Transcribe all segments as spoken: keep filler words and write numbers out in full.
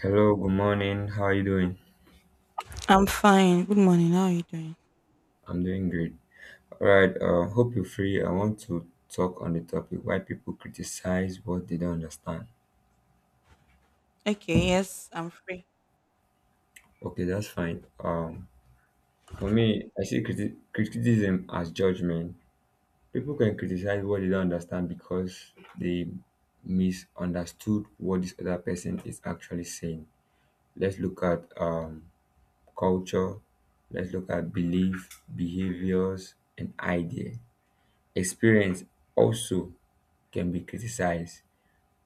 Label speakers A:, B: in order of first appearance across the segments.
A: Hello, good morning. How are you doing?
B: I'm fine. Good morning. How are you doing?
A: I'm doing great. All right, uh, hope you're free. I want to talk on the topic why people criticize what they don't understand.
B: Okay, yes, I'm free.
A: Okay, that's fine. Um, for me, I see criti- criticism as judgment. People can criticize what they don't understand because they misunderstood what this other person is actually saying. Let's look at um, culture, let's look at belief, behaviors, and idea. Experience also can be criticized.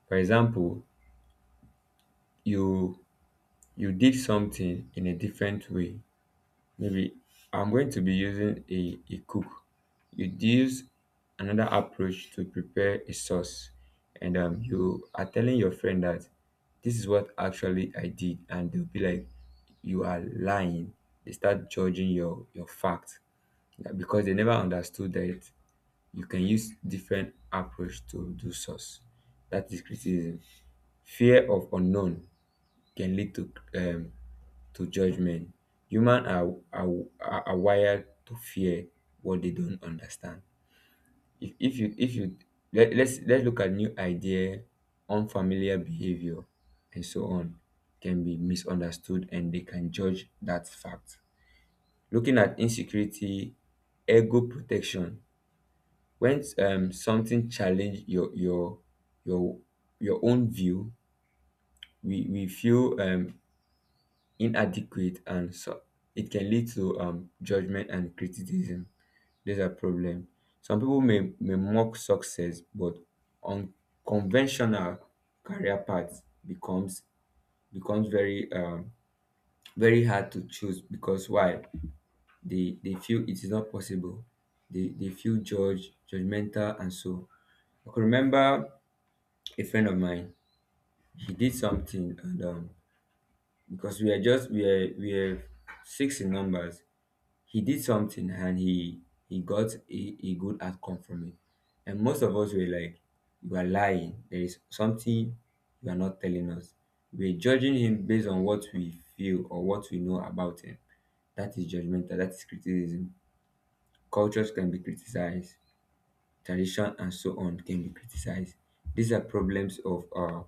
A: For example, you you did something in a different way. Maybe I'm going to be using a, a cook. You use another approach to prepare a sauce, and um, you are telling your friend that this is what actually I did, and they'll be like, you are lying. They start judging your your fact like, because they never understood that you can use different approach to do sauce. That is criticism. Fear of unknown can lead to um to judgment. Human are, are are are wired to fear what they don't understand. If, if you if you let, let's let's look at new idea, unfamiliar behavior, and so on. Can be misunderstood and they can judge that fact. Looking at insecurity, ego protection, when um something challenge your your your your own view, we we feel um inadequate, and so it can lead to um judgment and criticism. There's a problem. Some people may, may mock success, but unconventional career path becomes becomes very um very hard to choose because why? They they feel it is not possible. They they feel judged, judgmental, and so I could remember a friend of mine. He did something, and um because we are just we are we are six in numbers. He did something, and he he got a, a good outcome from it. And most of us were like, you are lying. There is something you are not telling us. We're judging him based on what we feel or what we know about him. That is judgmental. That is criticism. Cultures can be criticized. Tradition and so on can be criticized. These are problems of uh,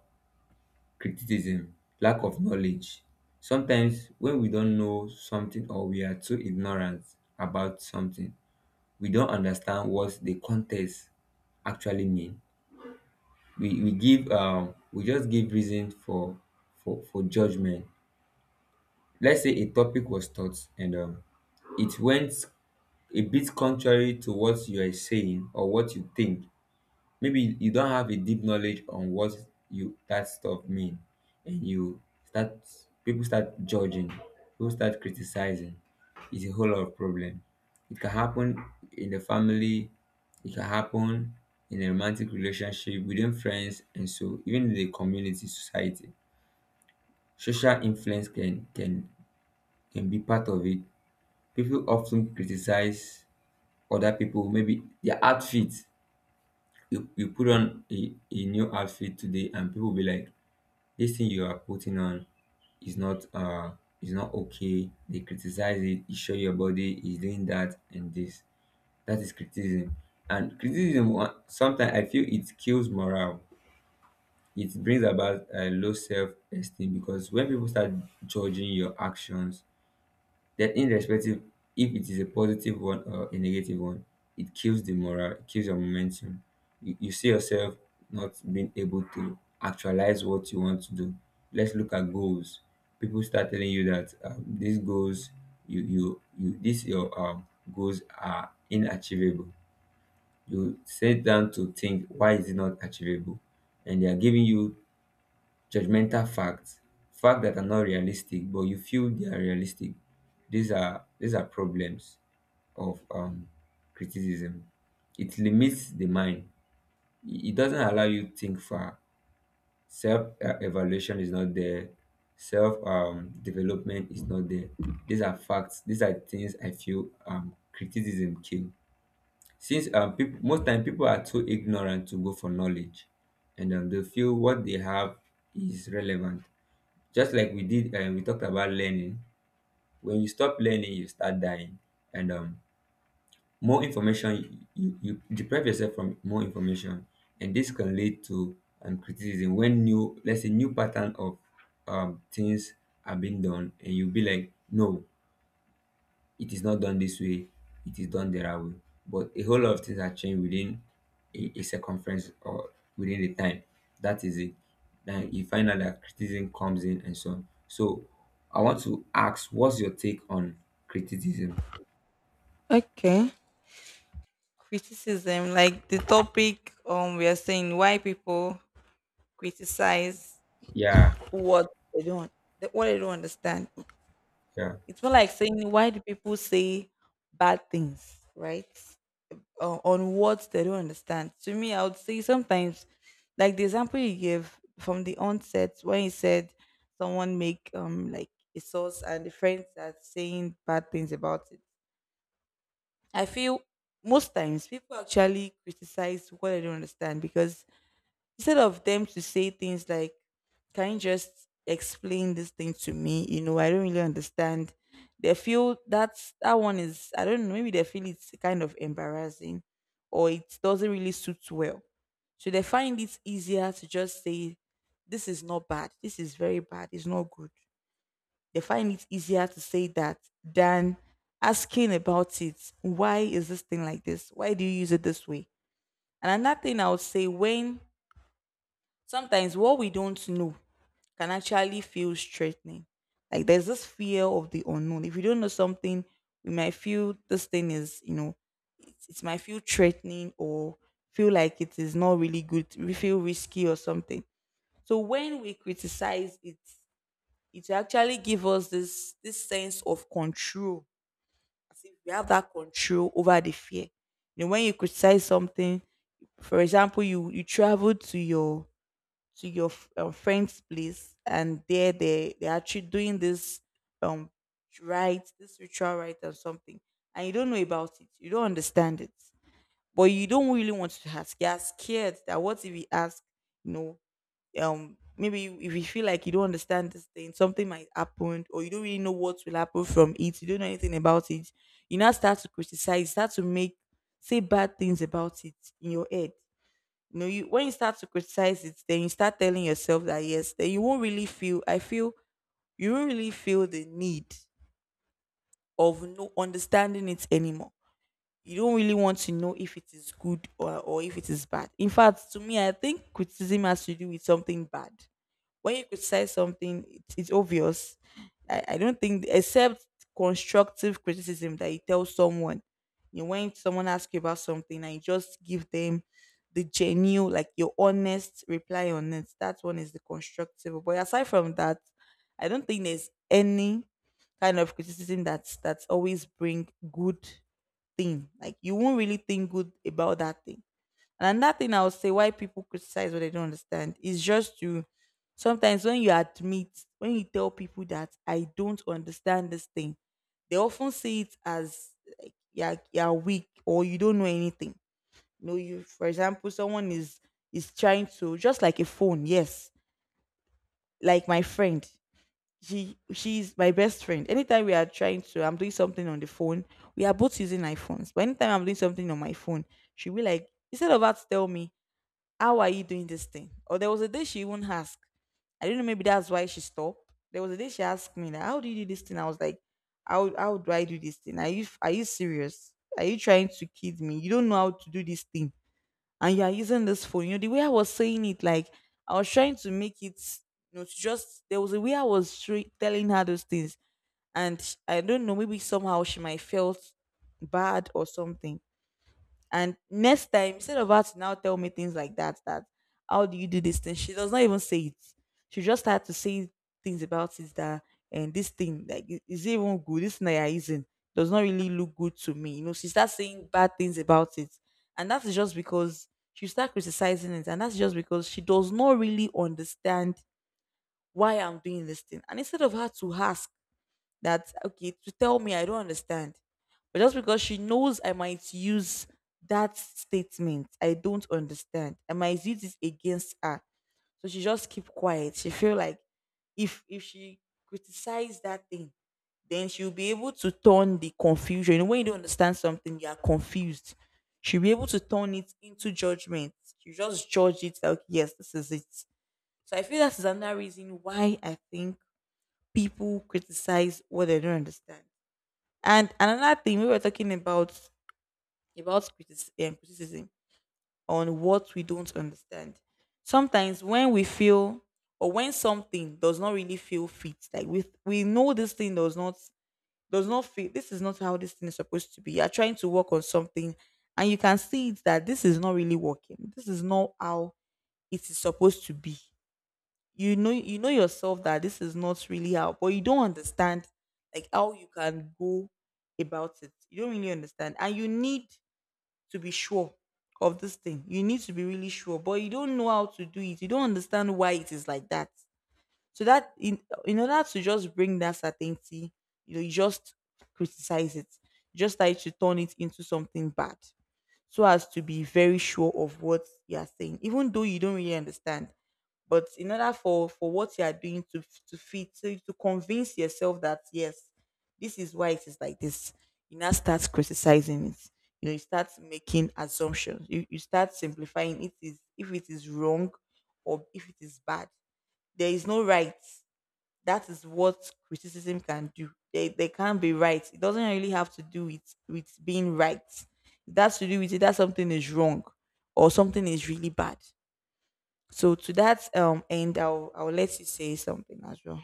A: criticism, lack of knowledge. Sometimes when we don't know something or we are too ignorant about something, we don't understand what the context actually mean. We we give um we just give reason for for for judgment. Let's say a topic was taught, and um it went a bit contrary to what you are saying or what you think. Maybe you don't have a deep knowledge on what you that stuff mean, and you start people start judging, people start criticizing. It's a whole lot of problem. It can happen in the family. It can happen in a romantic relationship, within friends, and so even in the community, society. Social influence can can can be part of it. People often criticize other people, maybe their outfit. You you put on a, a new outfit today and people be like, this thing you are putting on is not uh is not okay. They criticize it. You show your body is doing that and this. That is criticism. And criticism wa- sometimes I feel it kills morale. It brings about a low self-esteem because when people start judging your actions, that, irrespective if it is a positive one or a negative one, it kills the morale, it kills your momentum. You, you see yourself not being able to actualize what you want to do. Let's look at goals. People start telling you that um, these goals, you you you these your um, goals are inachievable. You sit down to think, why is it not achievable? And they are giving you judgmental facts. Facts that are not realistic, but you feel they are realistic. These are these are problems of um, criticism. It limits the mind. It it doesn't allow you to think far. Self uh, evaluation is not there. Self um, development is not there. These are facts. These are things I feel um, criticism kill. Since um, people, most time people are too ignorant to go for knowledge, and um, they feel what they have is relevant. Just like we did, um, we talked about learning. When you stop learning, you start dying. And um, more information, you, you deprive yourself from more information, and this can lead to um, criticism when new, let's say new pattern of um, things are being done and you'll be like, no, it is not done this way, it is done their way. But a whole lot of things are changed within a, a circumference or within the time. That is it. Then you find out that criticism comes in and so on. So I want to ask, what's your take on criticism?
B: Okay. Criticism, like the topic um we are saying why people criticize
A: Yeah,
B: what they don't the- what they don't understand.
A: yeah.
B: It's more like saying why do people say bad things, right? Uh, on what they don't understand. To me, I would say sometimes, like the example you gave from the onset when you said someone make um like a sauce and the friends are saying bad things about it. I feel most times people actually criticize what I don't understand because instead of them to say things like, "Can you just explain this thing to me? You know, I don't really understand." They feel that's that one is I don't know, maybe they feel it's kind of embarrassing or it doesn't really suit well. So they find it easier to just say, "This is not bad, this is very bad, it's not good." They find it easier to say that than asking about it. Why is this thing like this? Why do you use it this way? And another thing I would say, when sometimes what we don't know can actually feel threatening. Like there's this fear of the unknown. If we don't know something, we might feel this thing is, you know, it, it might feel threatening or feel like it is not really good. We feel risky or something. So when we criticize it, it actually give us this this sense of control, as if we have that control over the fear. You know, when you criticize something, for example, you you travel to your to your f- um, friend's place, and there they they're actually doing this um rite, this ritual rite or something, and you don't know about it, you don't understand it, but you don't really want to ask. You're scared that what if we ask, you know, um maybe if you feel like you don't understand this thing, something might happen, or you don't really know what will happen from it. You don't know anything about it. You now start to criticize, start to make say bad things about it in your head. You know, you when you start to criticize it, then you start telling yourself that yes, then you won't really feel I feel you won't really feel the need of no understanding it anymore. You don't really want to know if it is good, or, or if it is bad. In fact, to me, I think criticism has to do with something bad. When you criticize something, it's, it's obvious. I, I don't think, except constructive criticism that you tell someone, you when someone asks you about something and you just give them the genuine, like your honest reply on it, that one is the constructive. But aside from that, I don't think there's any kind of criticism that's that's always bring good thing. Like you won't really think good about that thing. And that thing, I would say, why people criticize what they don't understand is just to, sometimes when you admit, when you tell people that I don't understand this thing, they often see it as like you're, you're weak or you don't know anything. You know, you for example, someone is is trying to just like a phone, yes. Like my friend. She she's my best friend. Anytime we are trying to, I'm doing something on the phone, we are both using iPhones. But anytime I'm doing something on my phone, she'll be like, instead of her to tell me, how are you doing this thing? Or there was a day she even asked. I don't know, maybe that's why she stopped. There was a day she asked me, like, how do you do this thing? I was like, how, how do I do this thing? Are you are you serious? Are you trying to kid me? You don't know how to do this thing. And you are using this phone. You know, the way I was saying it, like I was trying to make it, you know, to just, there was a way I was tra- telling her those things. And sh- I don't know, maybe somehow she might felt bad or something. And next time, instead of her to now tell me things like that, that how do you do this thing? She does not even say it. She just had to say things about it, that, and this thing like, i- is it even good? This thing that you're using does not really look good to me. You know, she starts saying bad things about it. And that's just because she start criticizing it. And that's just because she does not really understand why I'm doing this thing. And instead of her to ask, that okay to tell me I don't understand. But just because she knows I might use that statement, I don't understand, I might use it against her. So she just keep quiet. She feel like if if she criticize that thing, then she'll be able to turn the confusion. You know, when you don't understand something, you are confused. She'll be able to turn it into judgment. She just judge it like, yes, this is it. So I feel that is another reason why I think people criticize what they don't understand. And another thing we were talking about about criticism, criticism on what we don't understand. Sometimes when we feel or when something does not really feel fit, like we we know this thing does not, does not fit. This is not how this thing is supposed to be. You're trying to work on something, and you can see it that this is not really working. This is not how it is supposed to be. You know, you know yourself that this is not really how, but you don't understand like how you can go about it. You don't really understand and you need to be sure of this thing. You need to be really sure, but you don't know how to do it. You don't understand why it is like that. So that, in in order to just bring that certainty, you know, you just criticize it. You just try to turn it into something bad, so as to be very sure of what you are saying, even though you don't really understand. But in order for for what you are doing to to fit to, to convince yourself that yes, this is why it is like this, you now start criticizing it. You know, you start making assumptions. You you start simplifying it, is if it is wrong or if it is bad. There is no right. That is what criticism can do. They they can't be right. It doesn't really have to do with with being right. It has to do with it that something is wrong or something is really bad. So to that um end, I'll I'll let you say something as well.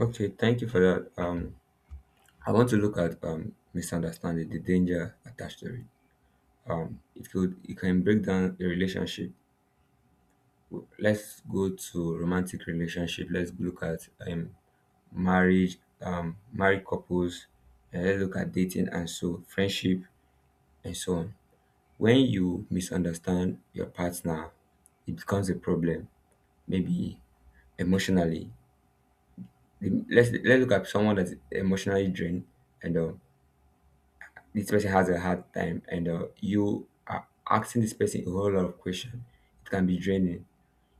A: Okay, thank you for that. Um, I want to look at um misunderstanding, the danger attached to it. It could It can break down a relationship. Let's go to romantic relationship. Let's look at um marriage, um, married couples, and let's look at dating and so friendship and so on. When you misunderstand your partner, it becomes a problem. Maybe emotionally, let's let's look at someone that's emotionally drained, and uh, this person has a hard time, and uh, you are asking this person a whole lot of questions. It can be draining.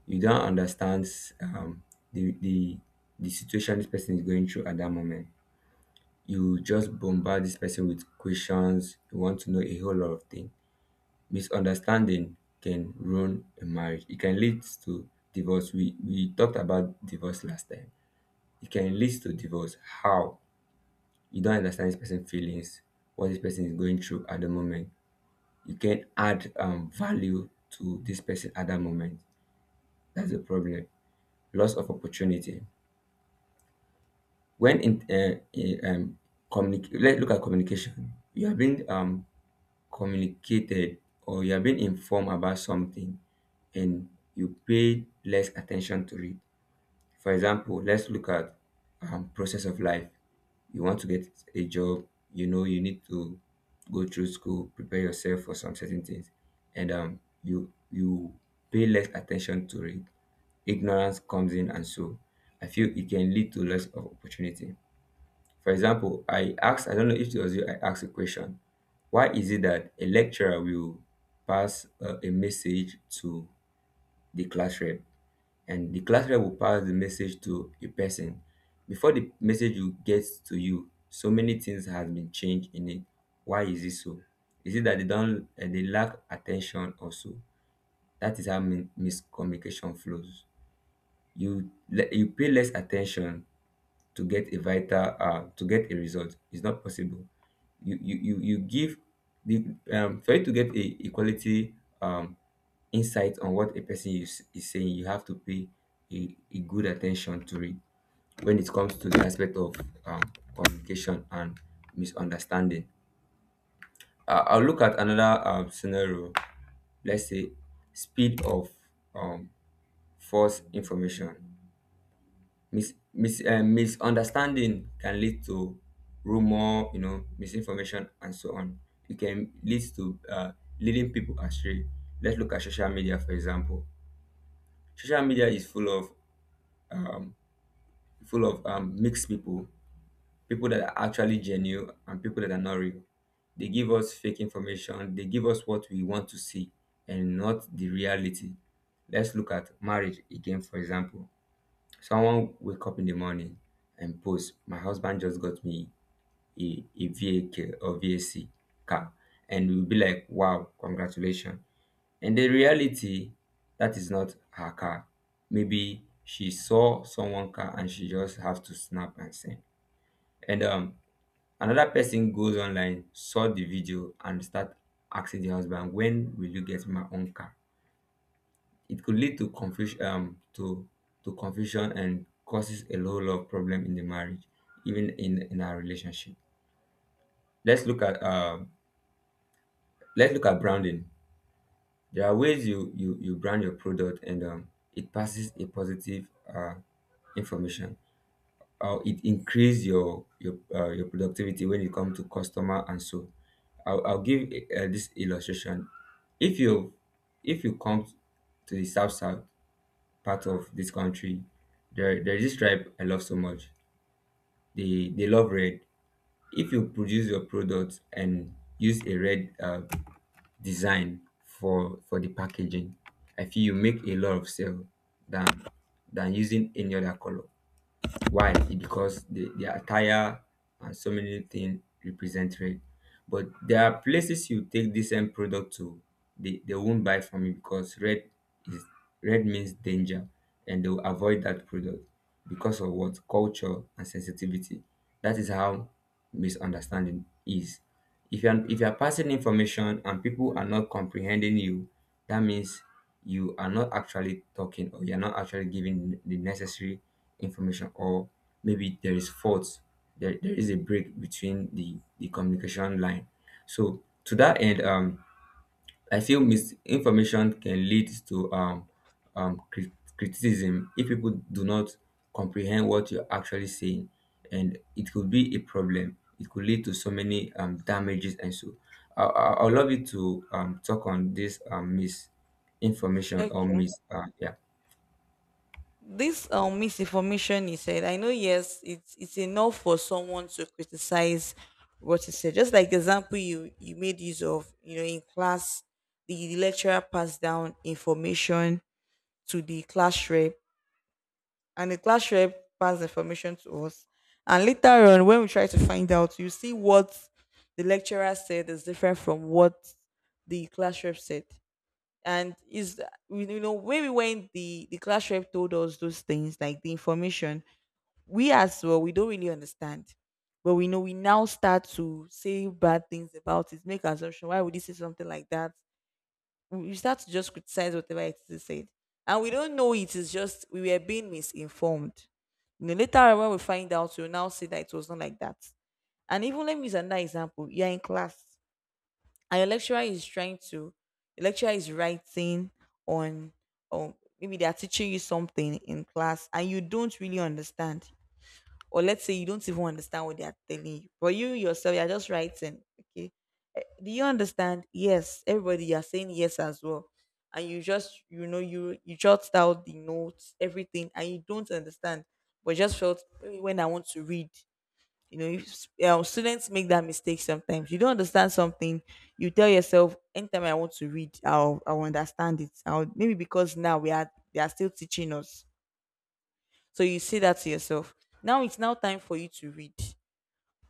A: You don't understand um, the the the situation this person is going through at that moment. You just bombard this person with questions. You want to know a whole lot of things. Misunderstanding can ruin a marriage. It can lead to divorce. We we talked about divorce last time. It can lead to divorce. How? You don't understand this person's feelings, what this person is going through at the moment. You can't add um, value to this person at that moment. That's the problem. Loss of opportunity. When in, uh, in um, communicate, let's look at communication. You are being um, communicated, or you are being informed about something, and you pay less attention to it. For example, let's look at um, process of life. You want to get a job, you know, you need to go through school, prepare yourself for some certain things, and um, you you pay less attention to it. Ignorance comes in, and so I feel it can lead to less of opportunity. For example, I asked, I don't know if it was you, I asked a question. Why is it that a lecturer will pass uh, a message to the class rep, and the class rep will pass the message to a person? Before the message will get to you, so many things have been changed in it. Why is it so? Is it that they don't uh, they lack attention also? That is how min- miscommunication flows. You le- you pay less attention. To get a vital uh, to get a result, it's not possible. You you you, you give the um, for you to get a, a quality um, insight on what a person is, is saying, you have to pay a, a good attention to it. When it comes to the aspect of um, communication and misunderstanding, uh, I'll look at another um, scenario. Let's say speed of um, false information. Mis mis um misunderstanding can lead to rumor, you know, misinformation and so on. It can lead to uh, leading people astray. Let's look at social media, for example. Social media is full of um, full of um, mixed people. People that are actually genuine and people that are not real. They give us fake information. They give us what we want to see and not the reality. Let's look at marriage again, for example. Someone wake up in the morning and post, my husband just got me a, a V A K or V A C car. And we'll be like, wow, congratulations. And the reality, that is not her car. Maybe she saw someone car and she just have to snap and send. And um, another person goes online, saw the video, and start asking the husband, when will you get my own car? It could lead to confusion, um to to confusion, and causes a whole lot of problem in the marriage, even in in our relationship. Let's look at um let's look at branding. There are ways you you you brand your product, and um it passes a positive uh information, or it increase your your uh, your productivity when it comes to customer, and so i'll, I'll give uh, this illustration. if you if you come to the south south part of this country, there there is this tribe I love so much. They they love red. If you produce your product and use a red uh, design for for the packaging, I feel you make a lot of sale than than using any other color. Why? Because the, the attire and so many things represent red. But there are places you take this same product to, they, they won't buy from you because red is red means danger, and they'll avoid that product because of what? Culture and sensitivity. That is how misunderstanding is. If you are if you are passing information and people are not comprehending you, that means you are not actually talking, or you're not actually giving the necessary information, or maybe there is fault. There, there is a break between the the communication line. So to that end, um I feel misinformation can lead to um, um, cri- criticism if people do not comprehend what you're actually saying, and it could be a problem. It could lead to so many um, damages, and so I, I, I would love you to um, talk on this um, misinformation or
B: Okay.
A: mis. Uh, yeah.
B: This um misinformation you said, I know, yes, it's it's enough for someone to criticize what you said. Just like the example you you made use of, you know, in class, the lecturer passed down information to the class rep, and the class rep passed information to us. And later on, when we try to find out, you see what the lecturer said is different from what the class rep said. And is, you know, when we went, the the class rep told us those things, like the information, we as well we don't really understand, but we know, we now start to say bad things about it, make assumption, why would he say something like that? We start to just criticize whatever it is he said, and we don't know it is just we were being misinformed. You know, later on, when we find out, we'll now say that it was not like that. And even, let me use another example. You're in class and your lecturer is trying to, your lecturer is writing on, or maybe they are teaching you something in class and you don't really understand. Or let's say you don't even understand what they are telling you, but you yourself, you are just writing, okay, do you understand, yes, everybody, you are saying yes as well. And you just, you know, you you jot out the notes, everything, and you don't understand, but just felt, "Eh, when I want to read," you know, if um, students make that mistake, sometimes you don't understand something, you tell yourself, anytime I want to read, i'll I'll understand it, I'll, maybe because now we are, they are still teaching us. So you say that to yourself. Now it's now time for you to read.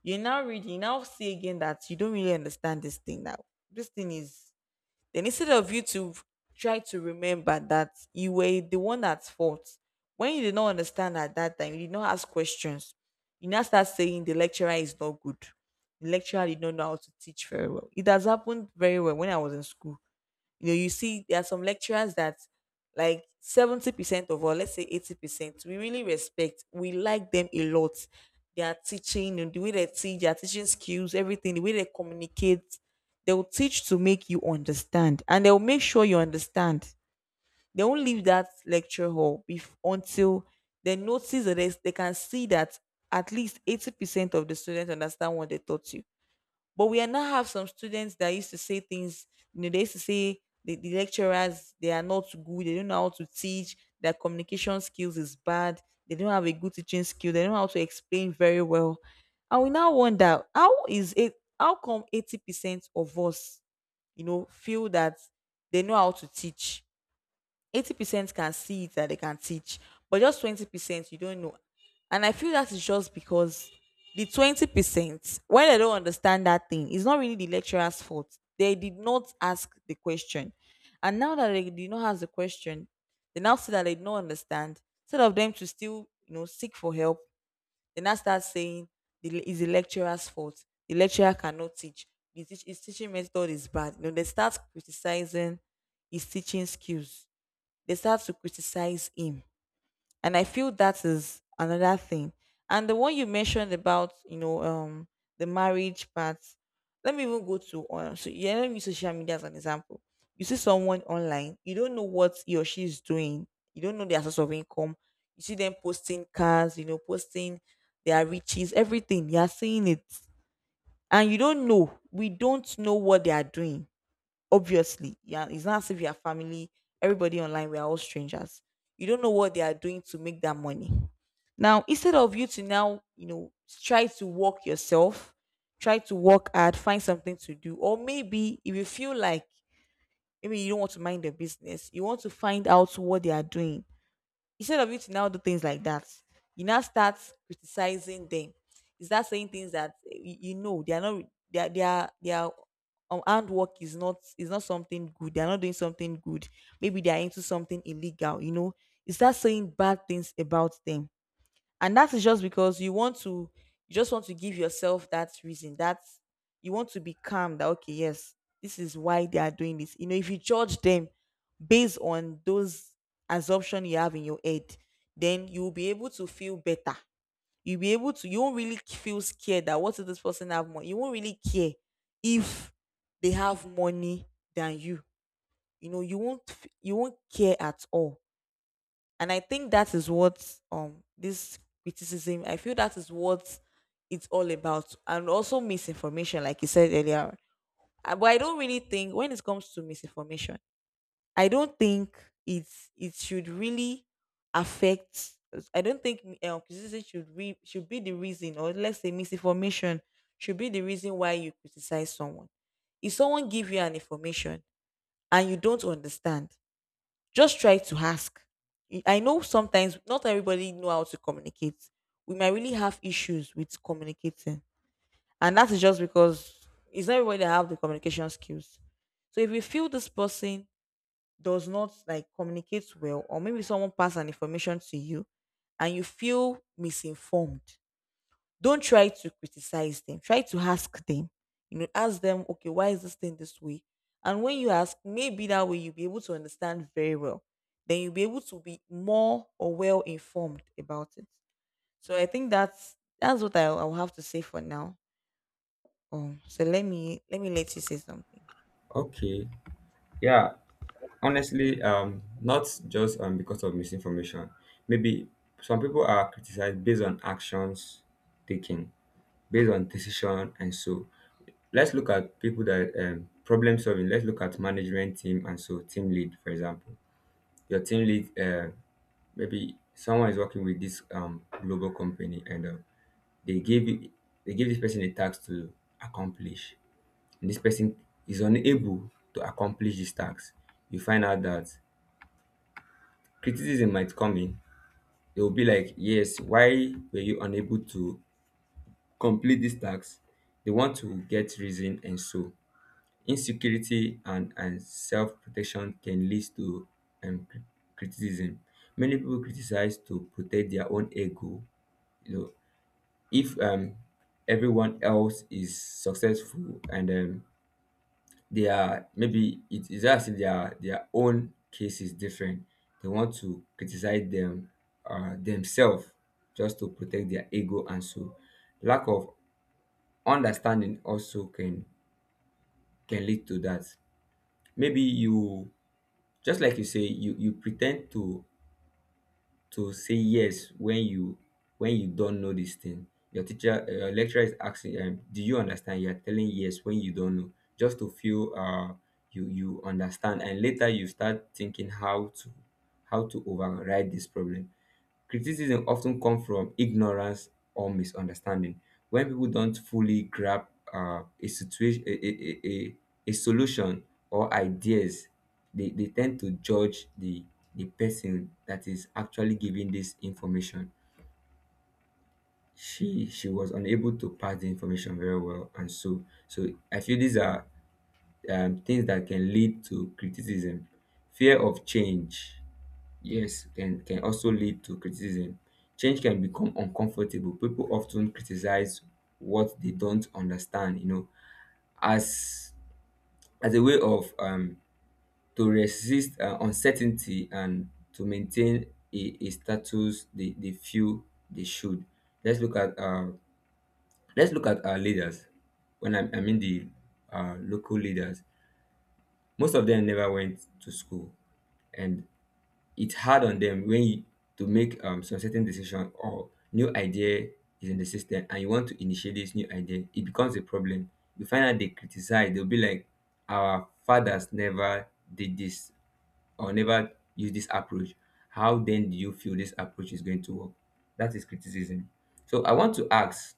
B: You now read, you now see again that you don't really understand this thing now, this thing is, then instead of you to try to remember that you were the one at fault, When you did not understand at that time, you did not ask questions. You now start saying the lecturer is not good. The lecturer did not know how to teach very well. It has happened very well when I was in school. You know, you see there are some lecturers that like seventy percent of, or let's say eighty percent, we really respect. We like them a lot. Their teaching and the way they teach, their teaching skills, everything, the way they communicate. They'll teach to make you understand and they'll make sure you understand. They won't leave that lecture hall bef- until they notice that they, they can see that at least eighty percent of the students understand what they taught you. But we are now have some students that used to say things, you know, they used to say the, the lecturers, they are not good, they don't know how to teach, their communication skills is bad, they don't have a good teaching skill, they don't know how to explain very well. And we now wonder how is it, how come eighty percent of us, you know, feel that they know how to teach? Eighty percent can see it that they can teach, but just twenty percent you don't know. And I feel that is just because the twenty percent, when they don't understand that thing, it's not really the lecturer's fault. They did not ask the question, and now that they did not ask the question, they now see that they don't understand. Instead of them to still, you know, seek for help, they now start saying the is the lecturer's fault. The lecturer cannot teach. The teach, his teaching method is bad. You know, they start criticizing his teaching skills, they start to criticize him. And I feel that is another thing. And the one you mentioned about, you know um the marriage part, let me even go to uh, so yeah, let me use social media as an example. You see someone online, you don't know what he or she is doing, you don't know their source of income, you see them posting cars, you know, posting their riches, everything, you're seeing it. And you don't know we don't know what they are doing. Obviously, yeah, it's not as if you are family. Everybody online, we are all strangers. You don't know what they are doing to make that money. Now, instead of you to now, you know, try to work yourself, try to work hard, find something to do, or maybe if you feel like, maybe you don't want to mind their business, you want to find out what they are doing, instead of you to now do things like that, you now start criticizing them. You start saying things that eh, you, you know they are not, they are, they are, they are um, hard work is not is not something good. They are not doing something good. Maybe they are into something illegal. You know, you start saying bad things about them. And that is just because you want to, you just want to give yourself that reason, that you want to be calm, that okay, yes, this is why they are doing this. You know, if you judge them based on those assumption you have in your head, then you'll be able to feel better. You'll be able to, you won't really feel scared that what if this person have money, you won't really care if they have money than you, you know, you won't f- you won't care at all. And I think that is what, um this criticism, I feel that is what it's all about. And also misinformation, like you said earlier. Uh, but I don't really think when it comes to misinformation, I don't think it's it should really affect. I don't think uh, criticism should re, should be the reason, or let's say misinformation should be the reason why you criticize someone. If someone give you an information and you don't understand, just try to ask. I I know sometimes not everybody know how to communicate. We might really have issues with communicating, and that is just because it's not everybody that have the communication skills. So if you feel this person does not like communicate well, or maybe someone passed an information to you, and you feel misinformed, don't try to criticize them, try to ask them, you know, ask them, okay, why is this thing this way? And when you ask, maybe that way you'll be able to understand very well, then you'll be able to be more or well informed about it. So I think that's that's what i I will have to say for now. Um so let me let me let you say something.
A: Okay. Yeah. Honestly, um, not just um, because of misinformation. Maybe some people are criticized based on actions taken, based on decision. And so, let's look at people that um, problem solving. Let's look at management team, and so team lead, for example. Your team lead, uh, maybe someone is working with this um, global company, and uh, they gave it- they give this person a task to accomplish, and this person is unable to accomplish this task. You find out that criticism might come in. They will be like, "Yes, why were you unable to complete this task?" They want to get reason. And so insecurity and and self-protection can lead to um, cri- criticism. Many people criticize to protect their own ego, you know. If um, everyone else is successful and um, they are, maybe it is as if their their own case is different, they want to criticize them, uh, themselves, just to protect their ego. And so lack of understanding also can can lead to that. Maybe you, just like you say, you you pretend to to say yes when you, when you don't know this thing. Your teacher, uh, your lecturer, is asking, um, do you understand? You're telling yes when you don't know, just to feel uh you, you understand, and later you start thinking how to, how to override this problem. Criticism often comes from ignorance or misunderstanding. When people don't fully grasp um a situation, a a a a a solution, or ideas, they they tend to judge the the person that is actually giving this information. She she was unable to pass the information very well, and so so I feel these are um, things that can lead to criticism. Fear of change, yes, can can also lead to criticism. Change can become uncomfortable. People often criticize what they don't understand, you know, as as a way of um to resist uh, uncertainty and to maintain a, a status they, they feel they should. Let's look at, uh, let's look at our leaders. When i, I mean the uh, local leaders, most of them never went to school, and it's hard on them when you to make um, some certain decision or new idea is in the system, and you want to initiate this new idea, it becomes a problem. You find out they criticize. They'll be like, our fathers never did this, or never use this approach. How then do you feel this approach is going to work? That is criticism. So I want to ask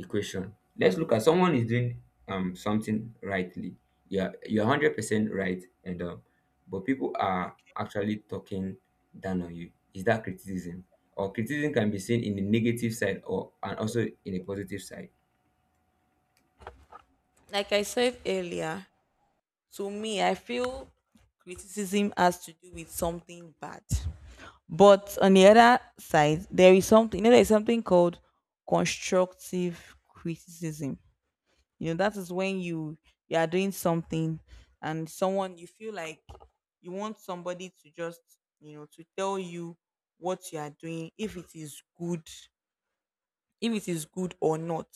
A: a question. Let's look at someone is doing um something rightly. Yeah, you're one hundred percent right, and um but people are actually talking down on you. Is that criticism? Or criticism can be seen in the negative side or and also in a positive side.
B: Like I said earlier, to me I feel criticism has to do with something bad. But on the other side, there is something, you know, there's something called constructive criticism. You know, that is when you you are doing something and someone, you feel like you want somebody to just, you know, to tell you what you are doing, if it is good, if it is good or not.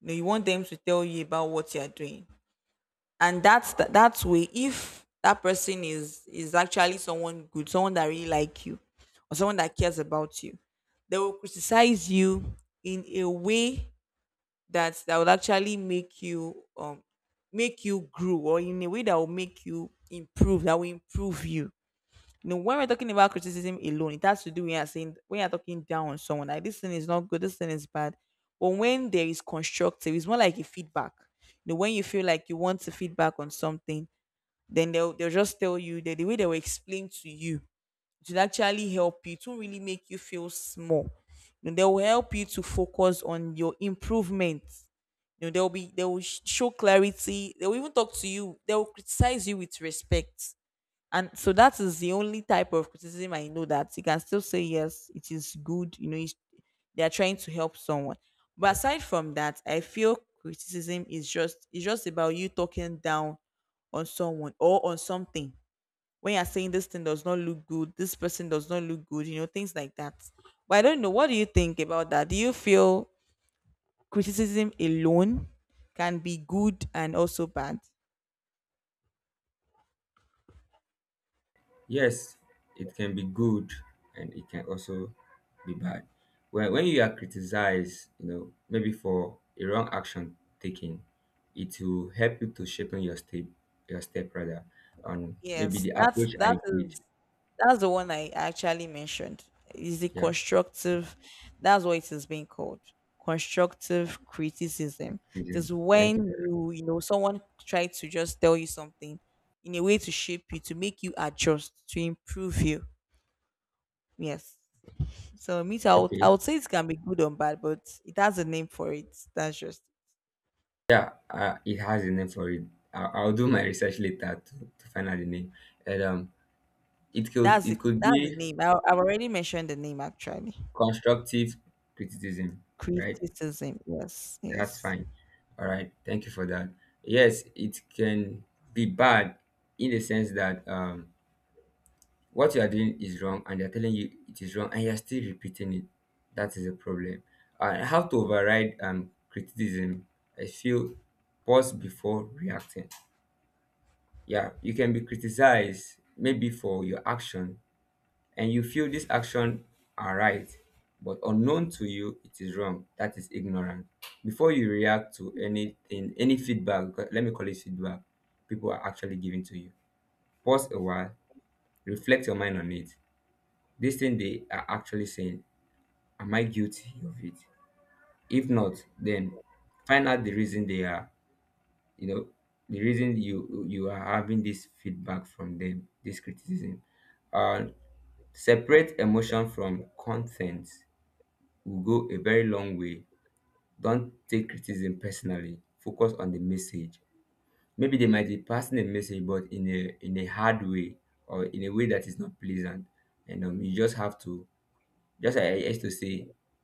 B: You know, you want them to tell you about what you are doing, and that's that. That way, if that person is is actually someone good, someone that really like you, or someone that cares about you, they will criticize you in a way that that would actually make you, um make you grow, or in a way that will make you improve, that will improve you. You know, when we're talking about criticism alone, it has to do when you're saying, when you're talking down on someone, like this thing is not good, this thing is bad. But when there is constructive, it's more like a feedback. You know, when you feel like you want to feedback on something, then they'll they'll just tell you that, the way they will explain to you, it will actually help you. It won't really make you feel small. You know, they will help you to focus on your improvements. You know, they'll be they will sh- show clarity, they will even talk to you, they will criticize you with respect. And so that is the only type of criticism I know that you can still say yes, it is good. You know, it's- they are trying to help someone. But aside from that, I feel criticism is just, it's just about you talking down on someone or on something. When you're saying this thing does not look good, this person does not look good, you know, things like that. But I don't know. What do you think about that? Do you feel criticism alone can be good and also bad?
A: Yes, it can be good, and it can also be bad. When, when you are criticized, you know, maybe for a wrong action taken, it will help you to shape your step, your step rather, on maybe
B: Yes,
A: the
B: that's
A: approach
B: that
A: I did.
B: is that's the one I actually mentioned. Is it
A: Yeah,
B: constructive? That's what it is being called. Constructive criticism. It
A: criticism.
B: is when
A: Thank you for
B: you, you know, someone try to just tell you something in a way to shape you, to make you adjust, to improve you. Yes. So me too, I
A: that.
B: would, I
A: Okay.
B: would say it can be good or bad, but it has a name for it. That's just
A: Yeah, uh, it has a name for it. I'll, I'll do my research later to, to find out the name. And um, it could
B: that's the
A: it could
B: that's the
A: be
B: name. I, I've already mentioned the name actually.
A: constructive criticism, right?
B: Criticism. Yes.
A: That's
B: Yes.
A: fine. All right. Thank you for that. Yes, it can be bad in the sense that, um, what you are doing is wrong and they're telling you it is wrong and you're still repeating it. That is a problem. Uh, how to override um, criticism? I feel, pause before reacting. Yeah, you can be criticized maybe for your action, and you feel this action are right, but unknown to you it is wrong. That is ignorant. Before you react to anything, any feedback, because, let me call it feedback, people are actually giving to you, pause a while, reflect your mind on it. This thing they are actually saying, am I guilty of it? If not, then find out the reason they are, you know, the reason you you are having this feedback from them, this criticism. uh Separate emotion from content will go a very long way. Don't take criticism personally. Focus on the message. Maybe they might be passing a message, but in a in a hard way, or in a way that is not pleasant. And um, you just have to just, I I used to say,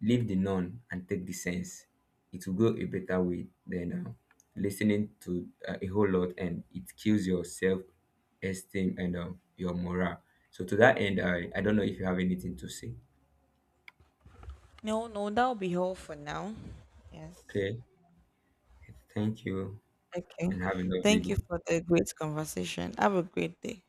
A: leave the none and take the sense. It will go a better way than uh, listening to uh, a whole lot, and it kills your self esteem and um, your morale. So to that end, I I don't know if you have anything to say.
B: No. No. That'll be all for now. Yes.
A: Okay, thank you,
B: Okay.
A: and have a lovely
B: Thank you
A: day.
B: for the great conversation. Have a great day.